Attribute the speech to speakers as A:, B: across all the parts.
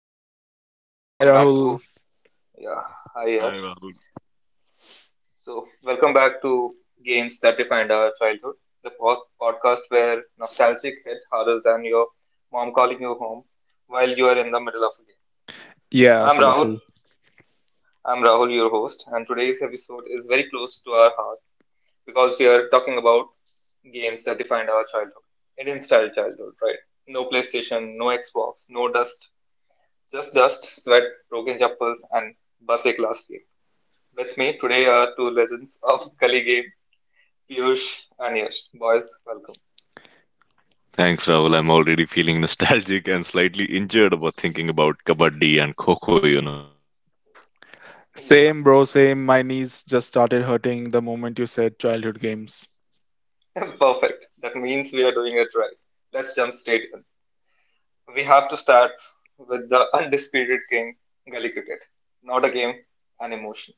A: everyone? And
B: Hi
A: welcome back
B: Rahul.
A: to, yeah, hi,
C: Hi,
A: Yash.
C: Rahul.
A: So, welcome back to Games That Defined Our Childhood, the podcast where nostalgic hit harder than your mom calling you home while you are in the middle of a game.
B: Yeah,
A: I'm
B: so
A: Rahul.
B: true.
A: I'm Rahul, your host, and today's episode is very close to our heart because we are talking about games that defined our childhood. Indian style childhood, right? No PlayStation, no Xbox, no dust just dust, sweat, broken chappals, and base class game. With me today are two legends of gully game, Piyush and Yash. Boys, welcome.
C: Thanks, Rahul. I'm already feeling nostalgic and slightly injured about thinking about kabaddi and kho.
A: Yeah,
B: Same, bro, same. My knees just started hurting the moment you said childhood games.
A: perfect. That means we are doing it right. Let's jump straight in. We have to start with the undisputed king, gully cricket. Not a game, an emotion.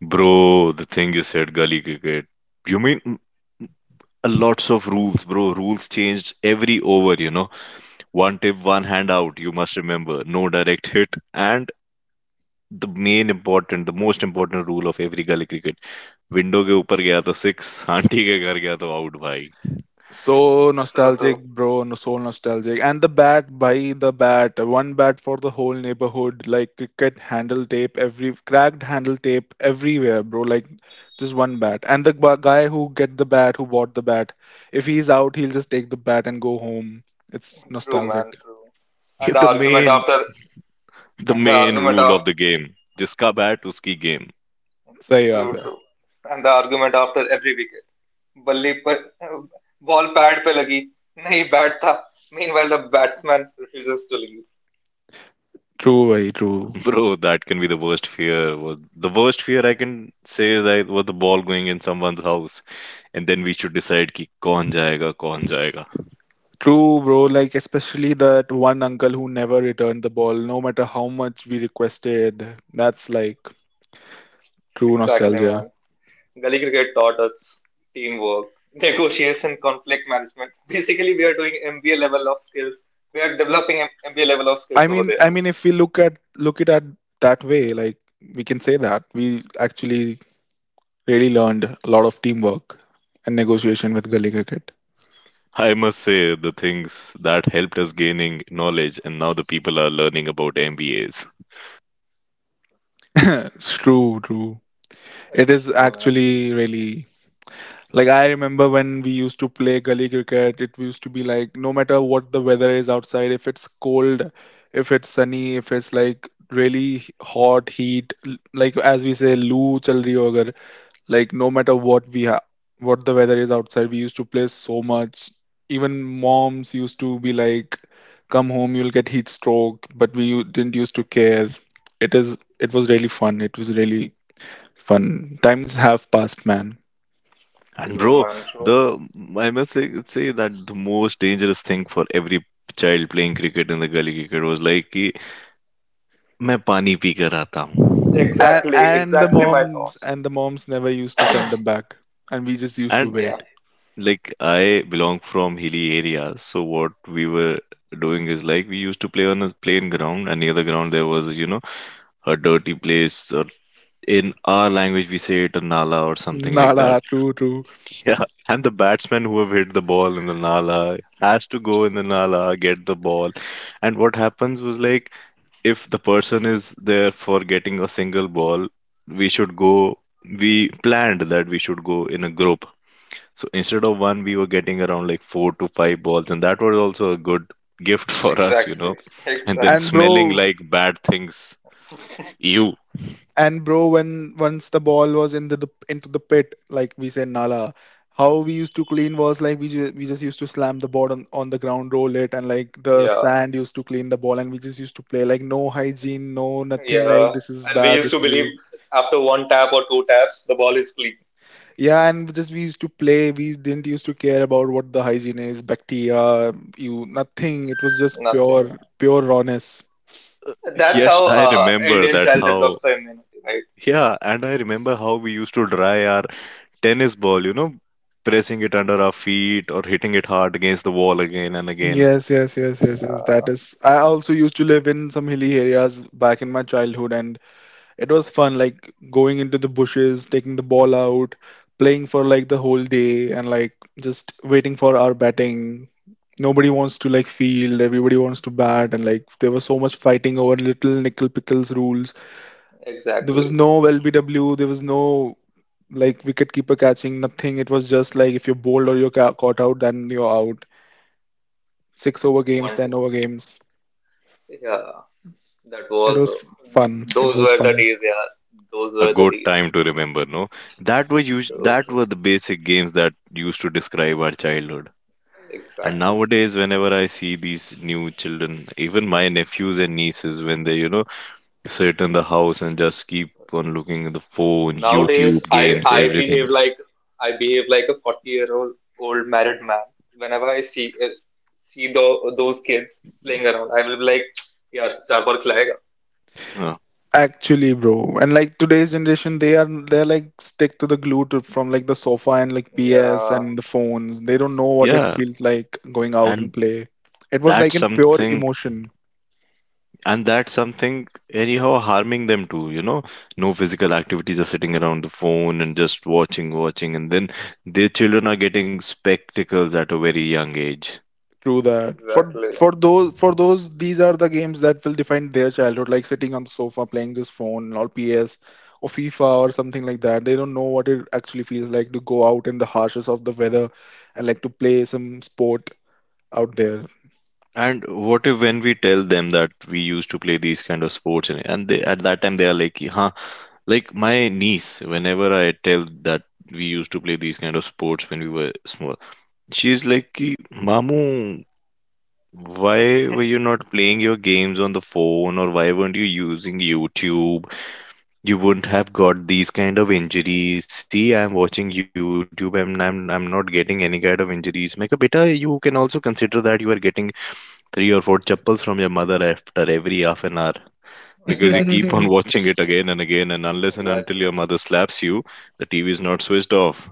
C: Bro, the thing you said, gully cricket. You mean a lots of rules, bro. Rules changed every over. One tip, one hand out, you must remember. No direct hit. And the most important rule of every gully cricket. Window ke के gaya to six, six ke ghar gaya to out, out
B: So
A: So true.
B: nostalgic, bro, no, so nostalgic. And the bat, one bat for the whole neighborhood, like cricket handle tape, every cracked handle tape everywhere, bro, like just one bat. And the guy who bought the bat, if he's out, he'll just take the bat and go home. It's
A: True, man,
B: nostalgic.
A: true. And the
C: The
A: argument
C: main,
A: after,
C: the
A: and the
C: main
A: argument
C: rule
A: of,
C: of the game. Jiska bat uski game.
B: Say, yeah,
A: true, true. And the argument after every wicket. बल्ली पर ball pad पे लगी नहीं bat था, meanwhile the batsman refuses to leave.
B: true, very true.
C: Bro, that can be the worst fear. Was the worst fear I can say is that was the ball going in someone's house, and then we should decide ki kaun jayega, kaun jayega.
B: True, bro. Like, especially that one uncle who never returned the ball, no matter how much we requested. That's like true
A: Exactly,
B: nostalgia.
A: man. Gully cricket taught us teamwork, negotiation, conflict management. Basically, we are doing MBA level of skills. We are developing MBA level of skills
B: I
A: over
B: mean, I mean, if we look it at that way, like we can say that we actually really learned a lot of teamwork and negotiation with gully cricket.
C: I must say the things that helped us gaining knowledge, and now the people are learning about MBAs.
B: It's true, true.
A: there.
B: It
A: It's
B: is
A: true, man.
B: actually really. Like I remember when we used to play gully cricket, it used to be like no matter what the weather is outside, if it's cold, if it's sunny, if it's like really hot heat, like as we say, loo chal rahi ho agar, like no matter what we have, what the weather is outside, we used to play so much. Even moms used to be like, come home, you'll get heat stroke, but we didn't used to care. It was really fun. It was really fun. Times have passed, man.
C: And
A: True,
C: bro,
A: man, true.
C: the I must say say that the most dangerous thing for every child playing cricket in the gully cricket was like कि मैं पानी P कर आता हूँ.
B: and,
A: Exactly,
B: and the
A: exactly my
B: moms
A: thoughts.
B: never used to send them back, and we just used to
C: And
A: Yeah,
B: wait.
C: like I belong from hilly areas, so what we were doing is like we used to play on a plain ground, and near the ground there was a dirty place, or in our language we say it a nala or something like
B: Nada,
C: that.
B: true, true.
C: Yeah, and the batsman who have hit the ball in the nala has to go in the nala get the ball, and what happens was like if the person is there for getting a single ball, we should go. We planned that we should go in a group, so instead of one, we were getting around like four to five balls, and that was also a good gift for us, you
A: exactly,
C: know. And then
B: and
A: exactly.
C: smelling
B: bro
C: like bad things. You.
B: and bro when once the ball was in the into the pit, like we said nala, how we used to clean was like we just used to slam the ball on the ground, roll it and like the
A: Yeah,
B: sand used to clean the ball, and we just used to play like no hygiene, no nothing,
A: yeah,
B: like this is
A: and we
B: bad,
A: used to
B: this is
A: believe
B: you.
A: after one tap or two taps the ball is clean.
B: Yeah, and just we used to play. We didn't used to care about what the hygiene is, bacteria, you nothing. It was just
A: Nothing.
B: pure, pure rawness.
A: That's
C: Yes,
A: how
C: I remember
A: Indian
C: that
A: child develops
C: how.
A: the immunity, right?
C: Yeah, and I remember how we used to dry our tennis ball, pressing it under our feet or hitting it hard against the wall again and again.
B: Yes, yes, yes, yes, yes. That
A: Uh,
B: is. I also used to live in some hilly areas back in my childhood, and it was fun, like going into the bushes, taking the ball out, playing for like the whole day, and like just waiting for our batting. Nobody wants to like field, everybody wants to bat, and like there was so much fighting over little nickel pickles. There was
A: exactly.
B: no LBW, there was no like wicket keeper catching, nothing. It was just like if you're bowled or you're caught out, then you're out. Six over games,
A: One, t-
B: ten over games.
A: yeah, that
B: It
A: was
B: was fun. It
A: Those
B: was
A: were the
B: fun.
A: days. Yeah, those
C: A
A: were the
C: good
A: days.
C: time to remember, no? That were us
A: True,
C: that
A: true.
C: were the basic games that used to describe our childhood. And
A: Exactly.
C: nowadays, whenever I see these new children, even my nephews and nieces, when they, sit in the house and just keep on looking at the phone,
A: Nowadays,
C: YouTube,
A: I
C: games,
A: I
C: everything.
A: behave like I behave like a forty year old married man. Whenever I see those kids playing around, I will be like, yeah, chapar khilayega.
C: Uh,
B: Actually, bro. And like today's generation, they're like stick to the glue to, from like the sofa and like PS
A: Yeah,
B: and the phones. They don't know what it
C: yeah,
B: feels like going out and
C: and
B: play. It was
C: that's
B: like in pure
C: something,
B: emotion.
C: that's something anyhow harming them too. No physical activity, just sitting around the phone and just watching, watching, and then their children are getting spectacles at a very young age.
B: True that. For
A: exactly,
B: for those for those these are the games that will define their childhood, like sitting on the sofa playing this phone or PS or FIFA or something like that. They don't know what it actually feels like to go out in the harshness of the weather and like to play some sport out there.
C: And what if when we tell them that we used to play these kind of sports and they at that time they are like, huh? Like my niece, whenever I tell that we used to play these kind of sports when we were small, she's like, "Ki, Mamu, why were you not playing your games on the phone, or why weren't you using YouTube? You wouldn't have got these kind of injuries. See, I'm watching YouTube and I'm not getting any kind of injuries. Meka, beta, you can also consider that you are getting three or four chappals from your mother after every half an hour because you
A: exactly,
C: keep on watching it again and again, and unless and until
A: exactly,
C: your mother slaps you the TV is not switched off."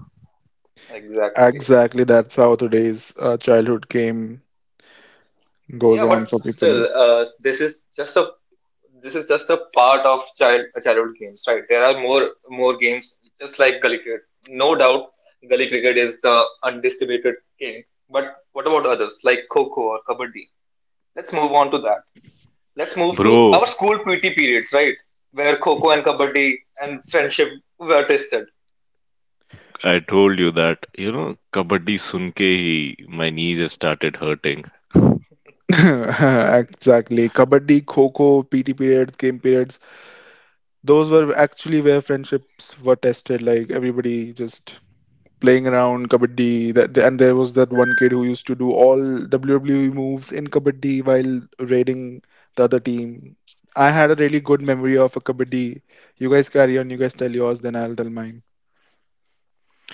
A: exactly.
B: Exactly, that's how today's childhood game goes
A: Yeah,
B: on
A: but
B: for
A: still,
B: people.
A: this is just a part of childhood games, right? There are more games, just like gully cricket. No doubt, gully cricket is the undisputed king. But what about others like kho kho or kabaddi? Let's move on to that. Let's move to
C: Bro,
A: our school PT periods, right? Where kho kho and kabaddi and friendship were tested.
C: I told you that kabaddi sunke hi, my knees have started hurting.
B: Exactly. Kabaddi, Kho-Kho, PT periods, game periods, those were actually where friendships were tested. Like everybody just playing around kabaddi that, and there was that one kid who used to do all WWE moves in kabaddi while raiding the other team. I had a really good memory of a kabaddi. You guys carry on, you guys tell yours, then I'll tell mine.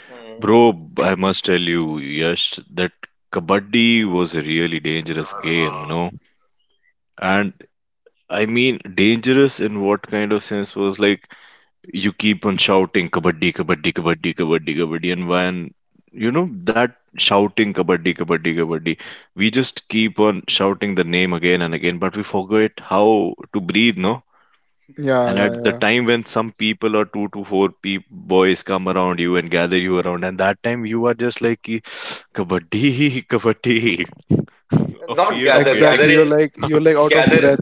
A: Hmm.
C: Bro, I must tell you, Yash, that kabaddi was a really dangerous game,
A: Uh,
C: no? And I mean, dangerous in what kind of sense was like you keep on shouting kabaddi, kabaddi, kabaddi, kabaddi, kabaddi, and when you know that shouting kabaddi, kabaddi, kabaddi, we just keep on shouting the name again and again, but we forget how to breathe, no?
B: Yeah,
C: And
B: yeah,
C: at the
B: yeah.
C: time when some people or two to four pe boys come around you and gather you around, and that time you are just like, "Ki, kabaddi, kabaddi, a
A: Not
C: fear of
A: gather.
C: getting."
A: Gather
B: Exactly. You're
A: is
B: like you're like out of
A: gather.
B: breath.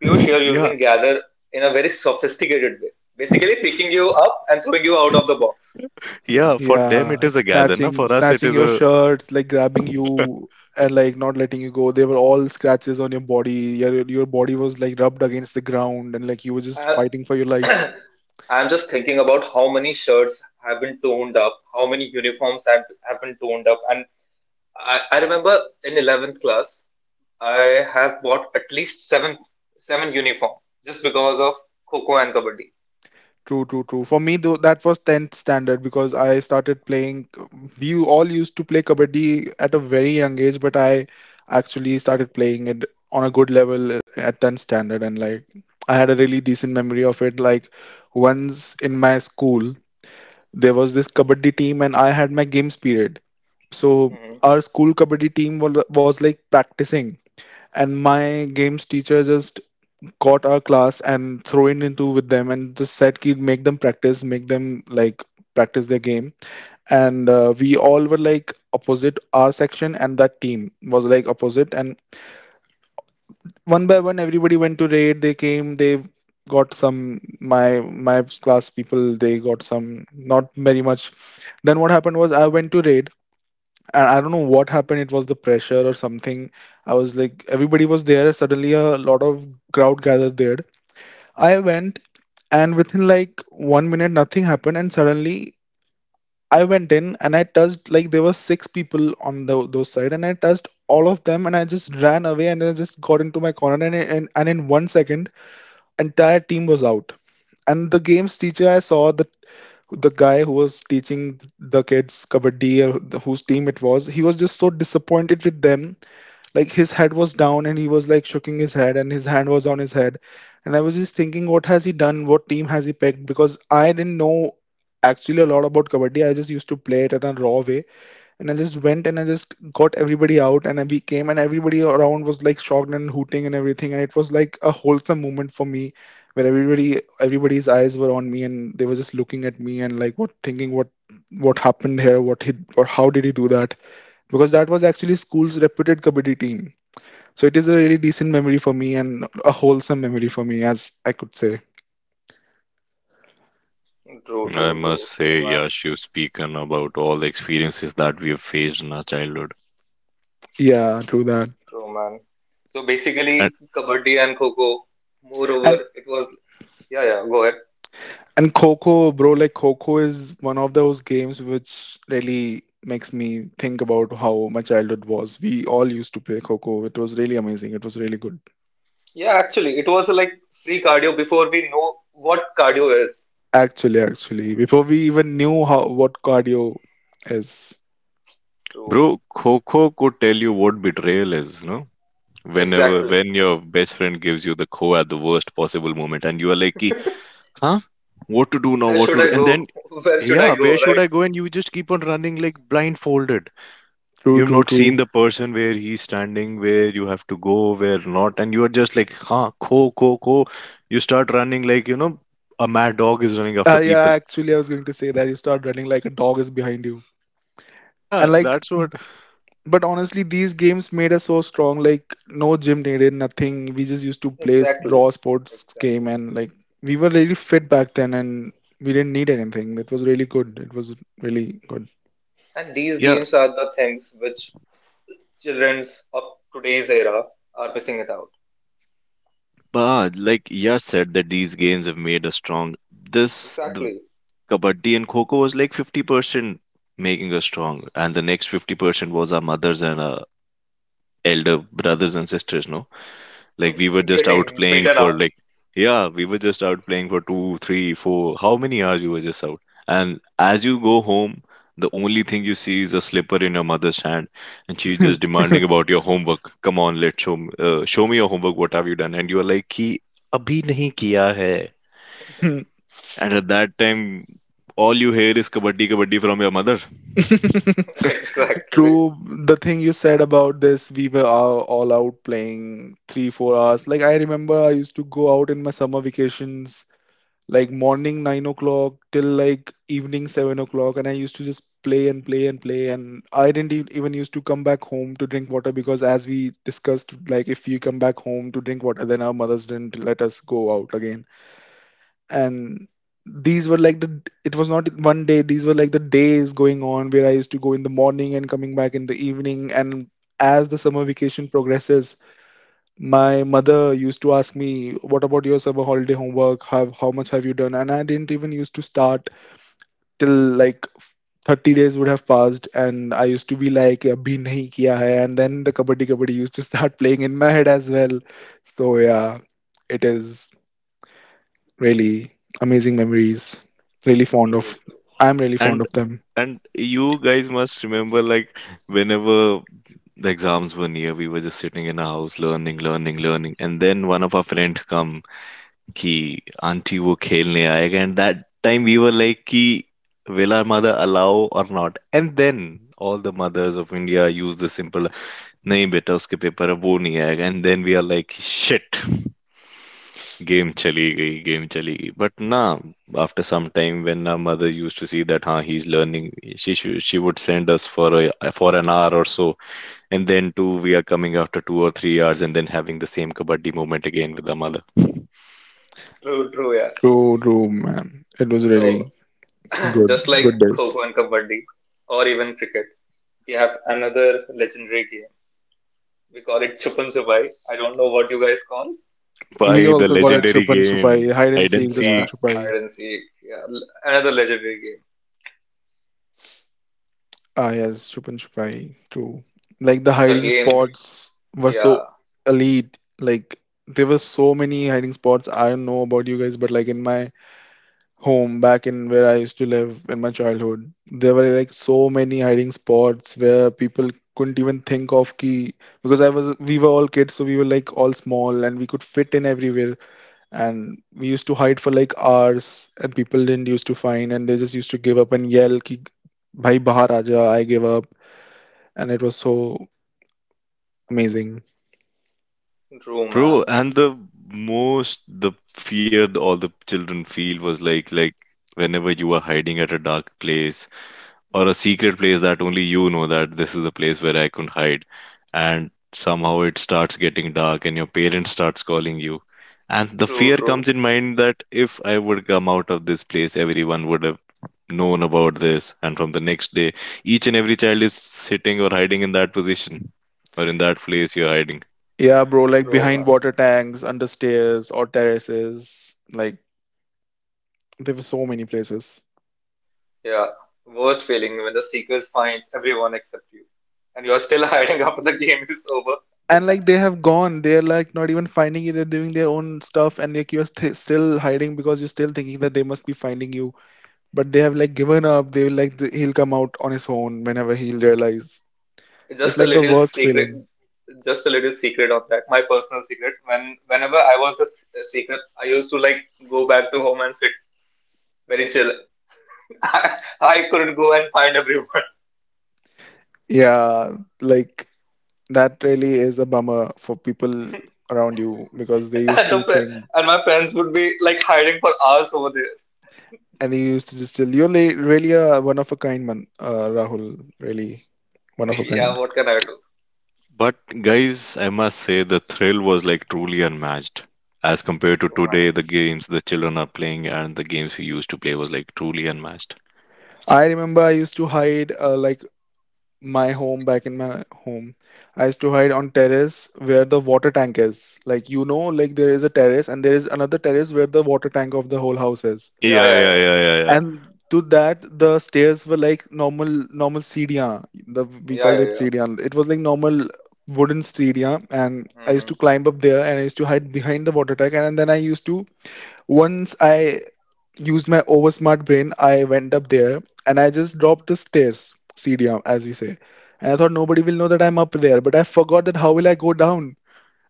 A: Piyush, you
C: Yeah,
A: using gather in a very sophisticated way. Basically, picking you up and throwing you out of the box.
C: yeah, for them it
B: Yeah,
C: is a gather, na?
B: snatching
C: For us it
B: snatching
C: is
B: your
C: a.
B: shirts, like grabbing you and like not letting you go. They were all scratches on your body. Your body was like rubbed against the ground, and like you were just
A: Uh,
B: fighting for your life.
A: I'm just thinking about how many shirts have been toned up, how many uniforms have been toned up. And I remember in 11th class, I have bought at least seven uniform just because of Coco and Kabaddi.
B: True, true, true. For me, though, that was 10th standard because I started playing. We all used to play kabaddi at a very young age, but I actually started playing it on a good level at 10th standard. And like, I had a really decent memory of it. Like, once in my school, there was this kabaddi team, and I had my games period. So,
A: Hmm.
B: our school kabaddi team was like practicing, and my games teacher just got our class and thrown into with them and just said ki make them practice, make them like practice their game. And we all were like opposite our section, and that team was like opposite. And one by one everybody went to raid. They came, they got some, my my class people, they got some, not very much. Then what happened was, I went to raid, and I don't know what happened. It was the pressure or something. I was like, everybody was there, suddenly a lot of crowd gathered there. I went, and within like 1 minute nothing happened, and suddenly I went in and I touched, like, there were six people on those side, and I touched all of them, and I just ran away, and I just got into my corner, and in 1 second entire team was out. And the games teacher, I saw the guy who was teaching the kids kabaddi, whose team it was. He was just so disappointed with them, like his head was down, and he was like shaking his head, and his hand was on his head. And I was just thinking, what has he done, what team has he picked, because I didn't know actually a lot about kabaddi. I just used to play it in a raw way, and I just went and I just got everybody out, and we came, and everybody around was like shocked and hooting and everything. And it was like a wholesome moment for me where everybody's eyes were on me, and they were just looking at me and like what, thinking what happened here, what he or how did he do that, because that was actually school's reputed kabaddi team. So it is a really decent memory for me and a wholesome memory for me, as I could say.
A: True,
C: I
A: true,
C: must
A: true,
C: say,
A: true, man,
C: Yash, you've spoken about all the experiences that we have faced in our childhood.
B: Yeah, true that.
A: true, man. So
C: And
A: basically, Kabaddi and Coco, moreover,
B: And
A: it was, yeah, yeah, go ahead.
B: and Coco, bro, like Coco is one of those games which really makes me think about how my childhood was. We all used to play Coco. It was really amazing. It was really good.
A: Yeah, actually, it was like free cardio before we know what cardio is.
B: Actually, before we even knew how what cardio is.
A: So,
C: bro, Kho could tell you what betrayal is, no? Whenever,
A: exactly.
C: when your best friend gives you the Kho at the worst possible moment, and you are like, "Ki, huh? What to do now,
A: Where
C: what
A: should
C: to do?"
A: I
C: And then,
A: go? Where should I
C: yeah, where
A: go?
C: should
A: Right?
C: I go? And you just keep on running like blindfolded.
B: True,
C: You've
B: true,
C: not seen
B: true.
C: the person where he's standing, where you have to go, where not, and you are just like, huh, ko, ko, ko. You start running like, a mad dog is running after
B: Yeah,
C: people.
B: actually, I was going to say that you start running like a dog is behind you. And
C: Yeah,
B: like
C: that's what.
B: But honestly, these games made us so strong. Like no gym needed, nothing. We just used to play
A: Exactly.
B: raw sports game,
A: Exactly.
B: and like we were really fit back then, and we didn't need anything. That was really good. It was really good.
A: And these
C: Yeah,
A: games are the things which childrens of today's era are missing it out.
C: but like Yash said that these games have made us strong. This the
A: Exactly.
C: kabaddi and kho was like 50% making us strong, and the next 50% was our mothers and our elder brothers and sisters, no? Like we were just out
A: Getting
C: playing
A: beaten
C: for
A: up.
C: like Yeah, we were just out playing for two, three, four, how many hours you were just out. And as you go home, the only thing you see is a slipper in your mother's hand, and she's just demanding about your homework. Come on, let's show m- show me your homework. What have you done? And you are like, "Ki abhi nahi kiya hai." And at that time, all you hear is kabaddi, kabaddi from your mother.
A: Exactly.
B: True, the thing you said about this, we were all out playing 3, 4 hours. Like I remember, I used to go out in my summer vacations like morning 9 o'clock till like evening 7 o'clock, and I used to just play and play and play, and I didn't even used to come back home to drink water because, as we discussed, like if we come back home to drink water, then our mothers didn't let us go out again, and these were like the it was not one day, these were like the days going on where I used to go in the morning and coming back in the evening. And as the summer vacation progresses, my mother used to ask me, "What about your summer holiday homework? Have How much have you done?" And I didn't even used to start till like 30 days would have passed, and I used to be like, "Abhi nahi kiya hai," and then the kabaddi kabaddi used to start playing in my head as well. So yeah, it is really amazing memories. Really fond of.
A: True, true.
B: I'm really fond
C: And
B: of them.
C: and you guys must remember, like whenever the exams were near, we were just sitting in our house learning, learning, learning. And then one of our friends come ki auntie wo khelne aayega. And that time we were like ki will our mother allow or not? And then all the mothers of India use the simple नहीं बेटा उसके paper अब वो नहीं आएगा, and then we are like shit, game चली गई game चलीगी but ना. After some time, when our mother used to see that हाँ he is learning, she would send us for an hour or so, and then two we are coming after 2 or 3 hours, and then having the same kabaddi moment again with our mother.
A: True, true, yeah.
B: True, true, man. It was
A: So,
B: really good,
A: just like
B: good
A: kho
B: days.
A: kho and kabaddi, or even cricket, we have another legendary game. We call it chup chupai. I don't know what you guys call,
B: We
C: By the
B: also call
A: but
B: it
C: legendary
B: Chupan
C: game,
B: Chupai, hide and
C: I didn't
B: seek, the
A: yeah,
B: Chupan
C: see,
B: Chupai.
A: hide and seek. Yeah, another legendary game.
B: Ah, yes, Chupan Chupai, true. Like the
A: The
B: hiding
A: game.
B: spots were so
A: Yeah,
B: elite. Like there were so many hiding spots. I don't know about you guys, but like in my home, back in where I used to live in my childhood, there were like so many hiding spots where people couldn't even think of ki, because I was we were all kids, so we were like all small, and we could fit in everywhere. And we used to hide for like hours, and people didn't used to find, and they just used to give up and yell ki, भाई bahar aja. I give up, and it was so amazing.
A: true,
C: bro.
A: man.
C: And the fear all the children feel was like whenever you were hiding at a dark place, or a secret place that only you know that this is the place where I can hide. And somehow it starts getting dark and your parents starts calling you. And the
A: True,
C: fear
A: true,
C: comes in mind that if I would come out of this place, everyone would have known about this. And from the next day, each and every child is sitting or hiding in that position or in that place you're hiding.
B: Yeah, bro, like
A: true,
B: behind
A: man.
B: water tanks, under stairs or terraces, like there were so many places.
A: Yeah, worst feeling when the seekers finds everyone except you, and you are still hiding after the game is over.
B: And like they have gone, they're like not even finding you. They're doing their own stuff, and like you're still hiding because you're still thinking that they must be finding you. But they have like given up. They will like he'll come out on his own whenever he'll realize. It's
A: Just a
B: like the
A: little
B: worst
A: secret.
B: feeling.
A: Just a little secret on that. My personal secret. Whenever I was a seeker, I used to like go back to home and sit very chill. I couldn't go and find everyone.
B: Yeah, like that really is a bummer for people around you because they used
A: And, the
B: to
A: fri
B: think
A: and my friends would be like hiding for hours over there.
B: and he used to distill. You're really a one of a kind man, Rahul. Really one of a
A: Yeah,
B: kind.
A: what can I do?
C: But guys, I must say the thrill was like truly unmatched. As compared to
A: Oh,
C: today,
A: man.
C: the games the children are playing and the games we used to play was like truly unmatched.
B: I remember I used to hide like my home back in my home. I used to hide on terrace where the water tank is. Like you know, like there is a terrace and there is another terrace where the water tank of the whole house is.
A: Yeah,
C: Yeah, yeah,
A: yeah, yeah,
C: yeah, yeah,
A: yeah,
C: yeah.
B: And to that, the stairs were like normal, normal seediyan. The we
A: yeah,
B: called
A: yeah,
B: it
A: yeah.
B: seediyan. It was like normal wooden seediyan, and I used
A: Hmm.
B: to climb up there and I used to hide behind the water tank, and then I used to. Once I used my oversmart brain, I went up there and I just dropped the stairs, CDM, as we say. And I thought nobody will know that I'm up there, but I forgot that how will I go down?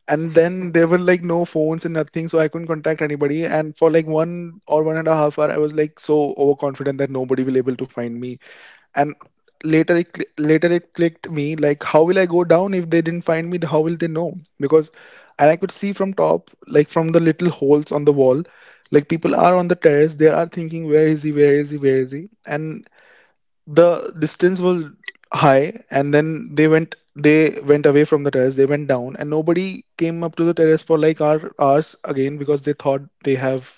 B: And then there were like no phones and nothing, so I couldn't contact anybody. And for like one or one and a half hour, I was like so overconfident that nobody will able to find me, and later it later it clicked me, like how will I go down? If they didn't find me, how will they know? Because, and I could see from top, like from the little holes on the wall, like people are on the terrace, they are thinking, where is he, where is he, where is he? And the distance was high, and then they went, they went away from the terrace, they went down, and nobody came up to the terrace for like hour, hours again because they thought they have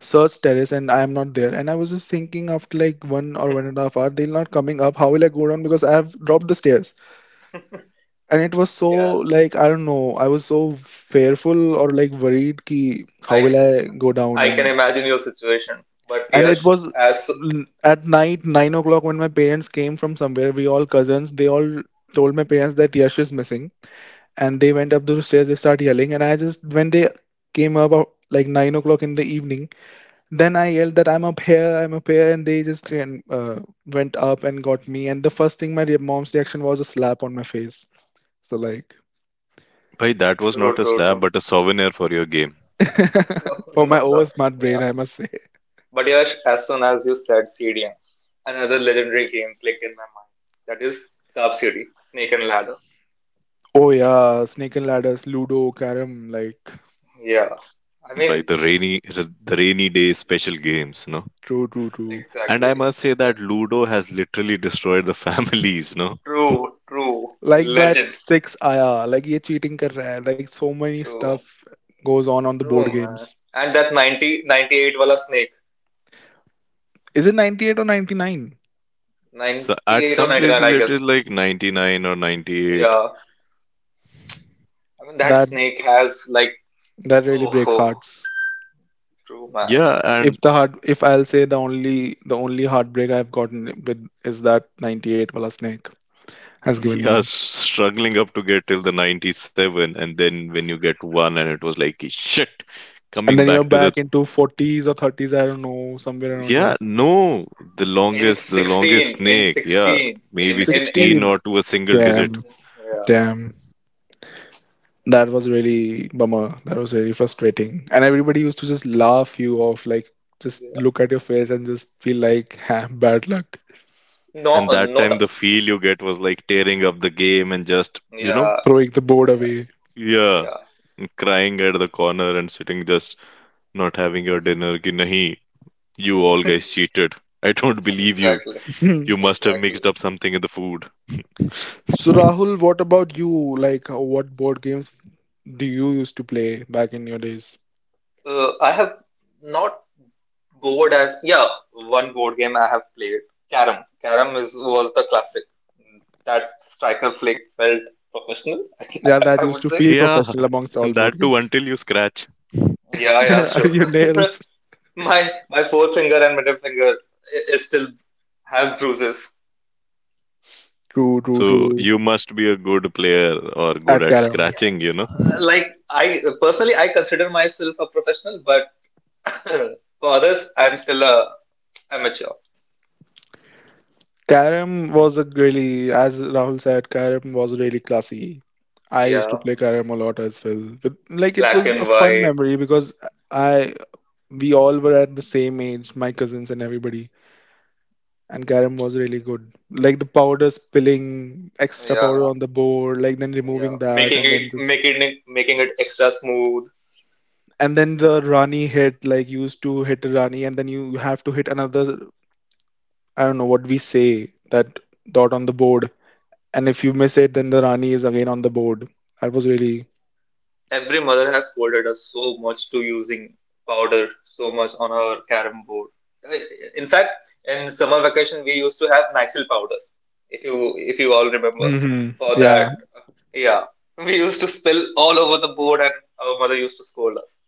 B: searched terrace and I am not there, and I was just thinking, after like one or one and a half hour they're not coming up, how will I go down because I have dropped the stairs. And it was so,
A: Yeah,
B: like I don't know, I was so fearful or like worried ki how
A: I
B: will I
A: can,
B: go down.
A: I can
B: and
A: imagine your situation. But
B: and it
A: Yash,
B: was
A: as
B: at night, 9 o'clock, when my parents came from somewhere. We all cousins, they all told my parents that Yash is missing. And they went up the stairs, they started yelling. And I just, when they came up like 9 o'clock in the evening, then I yelled that I'm up here, I'm up here. And they just went up and got me. And the first thing my mom's reaction was a slap on my face. So, like,
C: Bhai, that was
A: true,
C: not a
A: true,
C: slab,
A: true.
C: but a souvenir for your game.
A: No,
B: for
A: no,
B: my
A: no.
B: over smart
A: Yeah,
B: brain, I must say.
A: but Yash, as soon as you said CDM, another legendary game clicked in my mind. That is Subsidy, Snake and Ladder.
B: Oh, yeah, snake and ladders, Ludo, Carom, like,
A: Yeah, I
C: By
A: mean,
C: the rainy day special games, no.
B: true, true, true.
C: And I
A: exactly,
C: must say that
A: exactly.
C: Ludo has literally destroyed the families, no.
A: True, true,
B: Like that
A: legend,
B: six, आया like ये cheating, कर रहा है like so many
A: true.
B: Stuff goes on on the board
A: True, man.
B: Games
A: And that ninety ninety eight 98 wala snake,
B: is it 98 or 99.
C: So at
A: 98 or
C: some
A: 99,
C: places
A: I
C: it is
A: guess.
C: like 99 or 98.
A: Yeah. I mean, that
B: that
A: snake has like,
B: that really
A: oh,
B: break
A: oh
B: hearts.
A: true, man.
C: Yeah,
A: True.
B: If
C: and
B: the heart, if I'll say, the only heartbreak I've gotten with is that 98 wala snake has given
A: Hmm.
C: yeah,
B: me.
C: struggling up to get till the 97, and then when you get one, and it was like shit.
B: And
C: Coming
B: then you're
C: back to the,
B: back into 40s or 30s, I don't know, somewhere around
C: yeah, no, the
A: In
C: longest, the longest
A: 16, in
C: snake, yeah,
A: 16,
B: that
C: maybe
A: in, in,
C: 16
A: in,
B: 16.
C: or to a single digit.
B: Damn.
A: yeah.
B: Damn. That was really bummer. That was really frustrating. And everybody used to just laugh you off, like just
A: Yeah.
B: look at your face and just feel like, ha, bad luck,
A: No,
C: And that
A: not,
C: time, the feel you get was like tearing up the game and just,
A: yeah,
B: throwing the board
A: yeah,
B: away.
C: yeah,
A: yeah.
C: crying at the corner and sitting just not having your dinner. Ki nahi, you all guys cheated. I don't believe you.
A: Exactly,
C: You must have mixed
A: exactly.
C: up something in the food.
B: So Rahul, what about you? Like, what board games do you used to play back in your days?
A: I have not board as yeah, One board game I have played. Carom. Carom is was the classic. That striker flick felt professional, I
B: Yeah, that
A: I would
B: used to
A: say.
B: feel
C: Yeah,
B: professional amongst all
C: and
B: board
C: that too
B: games.
C: until you scratch.
A: Yeah, yeah, sure.
B: Your nails.
A: My forefinger and middle finger is still have bruises.
B: True, true,
C: So
B: true.
C: you must be a good player or good
B: At
C: at
B: carom.
A: Yeah.
C: scratching.
A: Like I personally, I consider myself a professional, but for others, I'm still a amateur.
B: Carrom was a really, as Rahul said, Carrom was really classy. I used to
A: Yeah,
B: play Carrom a lot as well. But like it
A: black
B: was a
A: and
B: fun
A: white.
B: memory because I we all were at the same age, my cousins and everybody. And Carrom was really good. Like the powder spilling, extra powder
A: Yeah.
B: on the board, like then
A: Yeah,
B: removing that
A: making
B: and then
A: it
B: just
A: making it making it extra smooth.
B: and then the Rani hit, like you used to hit a Rani and then you have to hit another. I don't know what we say, that dot on the board. And if you miss it, then the Rani is again on the board. That was really.
A: Every mother has scolded us so much to using powder so much on our carom board. Uh, In fact, in summer vacation we used to have Nycil powder. If you all remember,
B: Hmm.
A: for
B: Yeah,
A: that, yeah, we used to spill all over the board, and our mother used to scold us.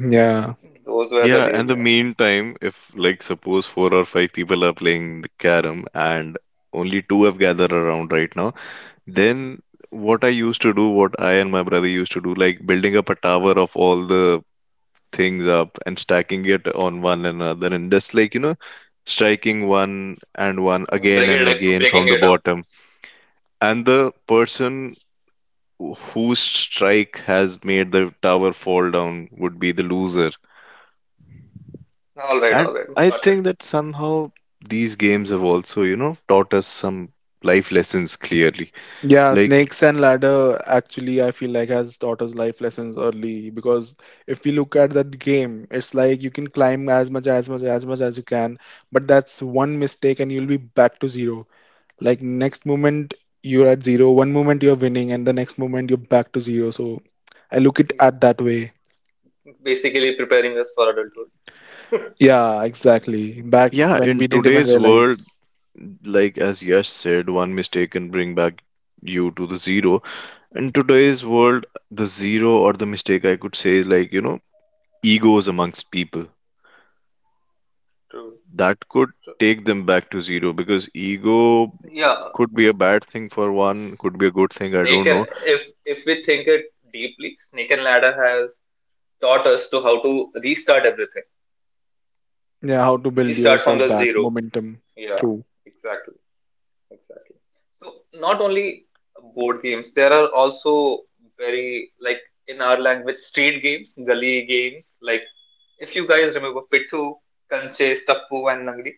B: yeah,
A: Those were the
C: Yeah,
A: days.
C: and the
A: Yeah,
C: meantime, if like suppose four or five people are playing the carom and only two have gathered around right now, then what I used to do, what I and my brother used to do, like building up a tower of all the things up and stacking it on one another and just like, striking one and one
A: yeah,
C: again
A: breaking
C: and
A: it
C: again
A: breaking
C: from the
A: it up.
C: bottom. And the person whose strike has made the tower fall down would be the loser. And
A: All right,
C: I
A: got
C: think that somehow these games have also, taught us some life lessons clearly.
B: yeah.
C: Like,
B: Snakes and ladder actually, I feel like has taught us life lessons early because if we look at that game, it's like you can climb as much, as much, as much as you can, but that's one mistake and you'll be back to zero. Like
A: it.
B: next moment you're at zero, one moment you're winning, and the next moment you're back to zero. So I look it at that way.
A: Basically preparing us for adulthood.
B: Yeah, exactly. Back
C: yeah,
B: when we
C: in
B: didn't even
C: today's world,
B: realize.
C: like as Yash said, one mistake can bring back you to the zero. In today's world, the zero or the mistake I could say is like, egos amongst people.
A: True.
C: That could take them back to zero because ego
A: Yeah,
C: could be a bad thing for one,
A: S-
C: could be a good thing, I
A: Snake
C: don't know.
A: and if we think it deeply, Snake and Ladder has taught us to how to restart everything.
B: Yeah, how to build
A: Restart from
B: yourself
A: the
B: back,
A: zero.
B: momentum.
A: Yeah,
B: True.
A: exactly, exactly. So not only board games, there are also very like in our language street games, gully games. Like if you guys remember Pittu, Kanche, Stappu,
C: Bro,
A: and Nangdi.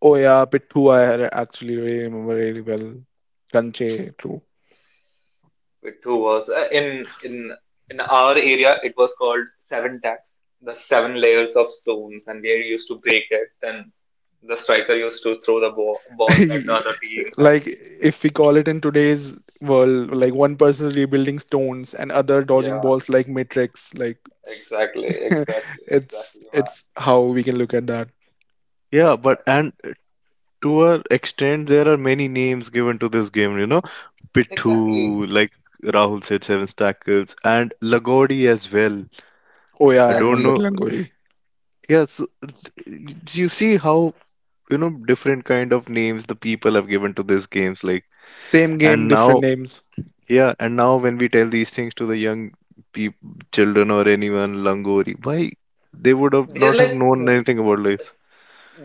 B: Oh yeah, Pithu, I had actually really remember really well.
C: the dangerous game when your
B: Kanche, true.
C: ball gets soaked up in water and when
A: It
C: you
A: too
C: get
A: was
C: hit with it.
A: in our area. It was called seven tacks, the seven layers of stones, and we used to break it. Then the striker used to throw the balls at the other teams, and
B: Like if we call it in today's world, like one person rebuilding stones and other dodging
A: yeah,
B: balls like Matrix. Like
A: exactly, exactly,
B: it's
A: exactly, man,
B: it's how we can look at that.
C: Yeah, but
A: exactly,
C: and to a extent, there are many names given to this game. You know,
A: exactly,
C: Pithu, like Rahul said, seven stackles, and Lagodi as well.
B: Oh yeah,
C: I
B: I
C: don't
B: remember
A: exactly.
C: know.
B: Langori.
C: Yeah, so you see how different kind of names the people have given to these games. Like,
B: Same game,
C: and
B: different
C: now,
B: names.
C: yeah, and now when we tell these things to the young peop children or anyone, Langori, why they would have
A: They're
C: not have
A: like
C: known anything about this.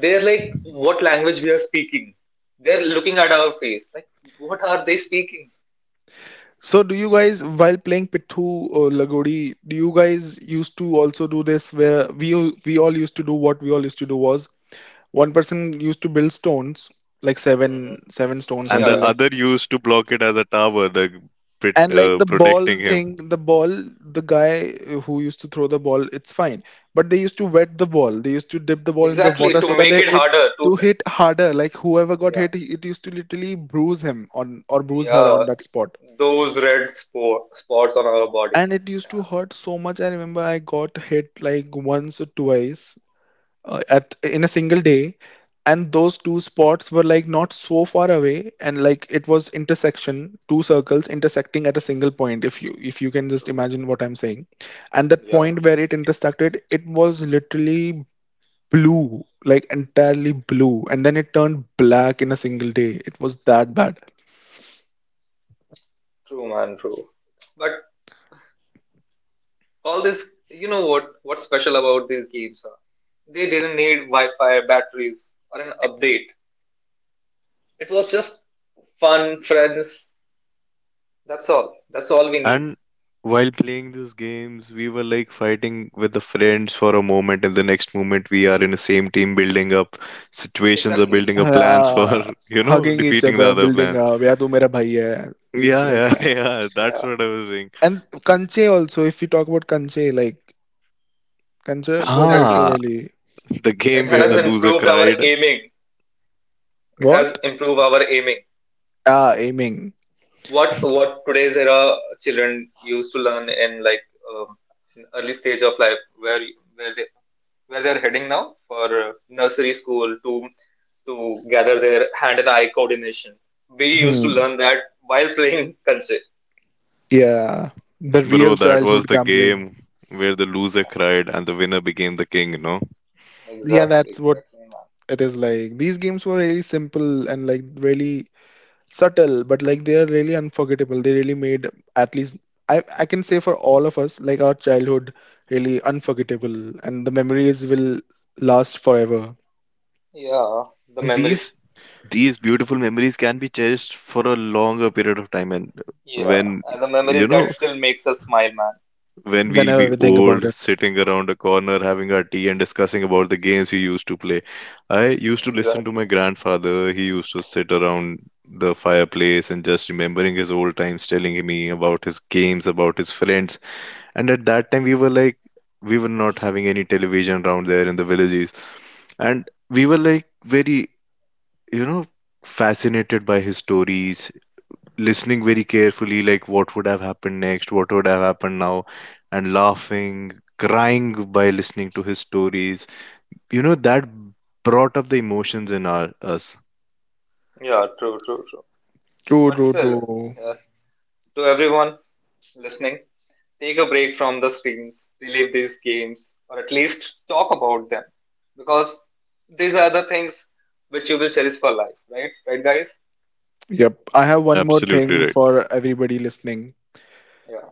A: they're like what language we are speaking. They're looking at our face, like what are they speaking?
B: So, do you guys, while playing Pithu or Lagodi, do you guys used to also do this where we all used to do what we all used to do was one person used to build stones, like
A: Hmm.
B: seven seven stones, I
C: And
A: Yeah,
C: the
B: feel
A: yeah,
B: like.
C: other used to block it as a tower, like
B: And like the ball
C: protecting him.
B: thing, the ball, the guy who used to throw the ball, it's fine. But they used to wet the ball. They used to dip the ball in the
A: exactly.
B: water
A: To
B: so that
A: make
B: it
A: it
B: it
A: harder to.
B: to hit harder. Like whoever got hit, it used to literally bruise him on or bruise her
A: Yeah,
B: on that spot.
A: those red spots on our body.
B: And it used to
A: Damn,
B: hurt so much. I remember I got hit like once or twice at in a single day, and those two spots were like not so far away, and like it was intersection, two circles intersecting at a single point. If you can just
A: true.
B: imagine what I'm saying, and that
A: Yeah,
B: point where it intersected, it was literally blue, like entirely blue, and then it turned black in a single day. It was that bad.
A: true, man, true. But all this, you know what? What's special about these games? Huh? They didn't need Wi-Fi, batteries, or an update. It was just fun, friends. That's all. That's all we need.
C: And while playing these games, we were like fighting with the friends for a moment, and the next moment we are in the same team, building up situations or
A: Exactly.
C: building up plans for
B: Uh, Hugging each
C: defeating the
B: other,
C: other
B: building
C: plans.
B: up. Yeah, तू मेरा भाई hai. It's like
C: Yeah, yeah,
A: Yeah,
C: yeah. That's
A: yeah,
C: what I was saying.
B: and Kanche also, if we talk about Kanche, like Kanche was
A: exactly.
B: also
C: Ah,
B: really
C: the
A: It
C: game where
A: has
C: the
B: there.
C: loser
A: improved our
C: cried,
A: aiming. It has
B: What?
A: improved our aiming.
B: Ah, aiming.
A: What today's era children used to learn in like um, in early stage of life where they where they're heading now for nursery school to gather their hand and eye coordination. We used to
B: Hmm.
A: learn that while playing kanche.
B: Yeah. The
C: bro.
B: real
C: That was
B: childhood
C: the
B: gambling.
C: game where the loser cried and the winner became the king. No.
B: Yeah,
A: Exactly,
B: that's what
A: exactly, man.
B: it is like. These games were really simple and like really subtle, but like they are really unforgettable. They really made, at least I can say for all of us, like our childhood really unforgettable, and the memories will last forever
A: Yeah, the
C: And these
A: memories.
C: these beautiful memories can be cherished for a longer period of time, and
A: Yeah,
C: when
A: and the
C: you
A: memories that
C: know
A: still makes us smile, man.
C: when we'll
B: whenever
C: be
B: we think about
C: old
B: it.
C: sitting around a corner having our tea and discussing about the games we used to play. I used to listen to
A: Exactly.
C: my grandfather. He used to sit around the fireplace and just remembering his old times, telling me about his games, about his friends. And at that time we were not having any television around there in the villages, and we were like very you know, fascinated by his stories, listening very carefully, like what would have happened next, what would have happened now, and laughing, crying by listening to his stories. You know, that brought up the emotions in us.
A: Yeah, true, true, true.
B: True,
A: But
B: true,
A: still,
B: true.
A: yeah, to everyone listening, take a break from the screens, relive these games, or at least talk about them because these are the things which you will cherish for life, right? Right, guys?
B: Yep. I have one more
C: Absolutely
B: thing
C: right.
B: for everybody listening.
A: Yeah,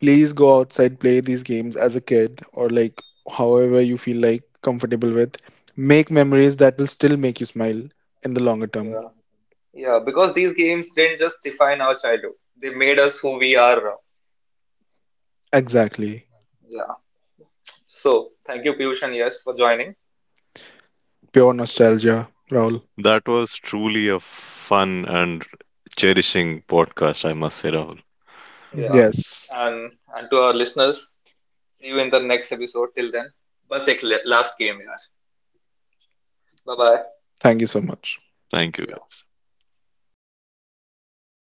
B: Please go outside, play these games as a kid or like however you feel like comfortable with. Make memories that will still make you smile in the longer term.
A: yeah, yeah. Because these games didn't just define our childhood; they made us who we are now.
B: Exactly.
A: Yeah. So thank you, Piyush and Yash, for joining.
B: Pure nostalgia, Raul.
C: That was truly a fun and cherishing podcast, I must say, Rahul.
B: Mhm.
A: Yeah,
B: Yes.
A: and to our listeners, see you in the next episode. Till then, बस एक last game यार. Bye bye.
B: Thank you so much.
C: Thank you,
A: Yeah.
C: guys.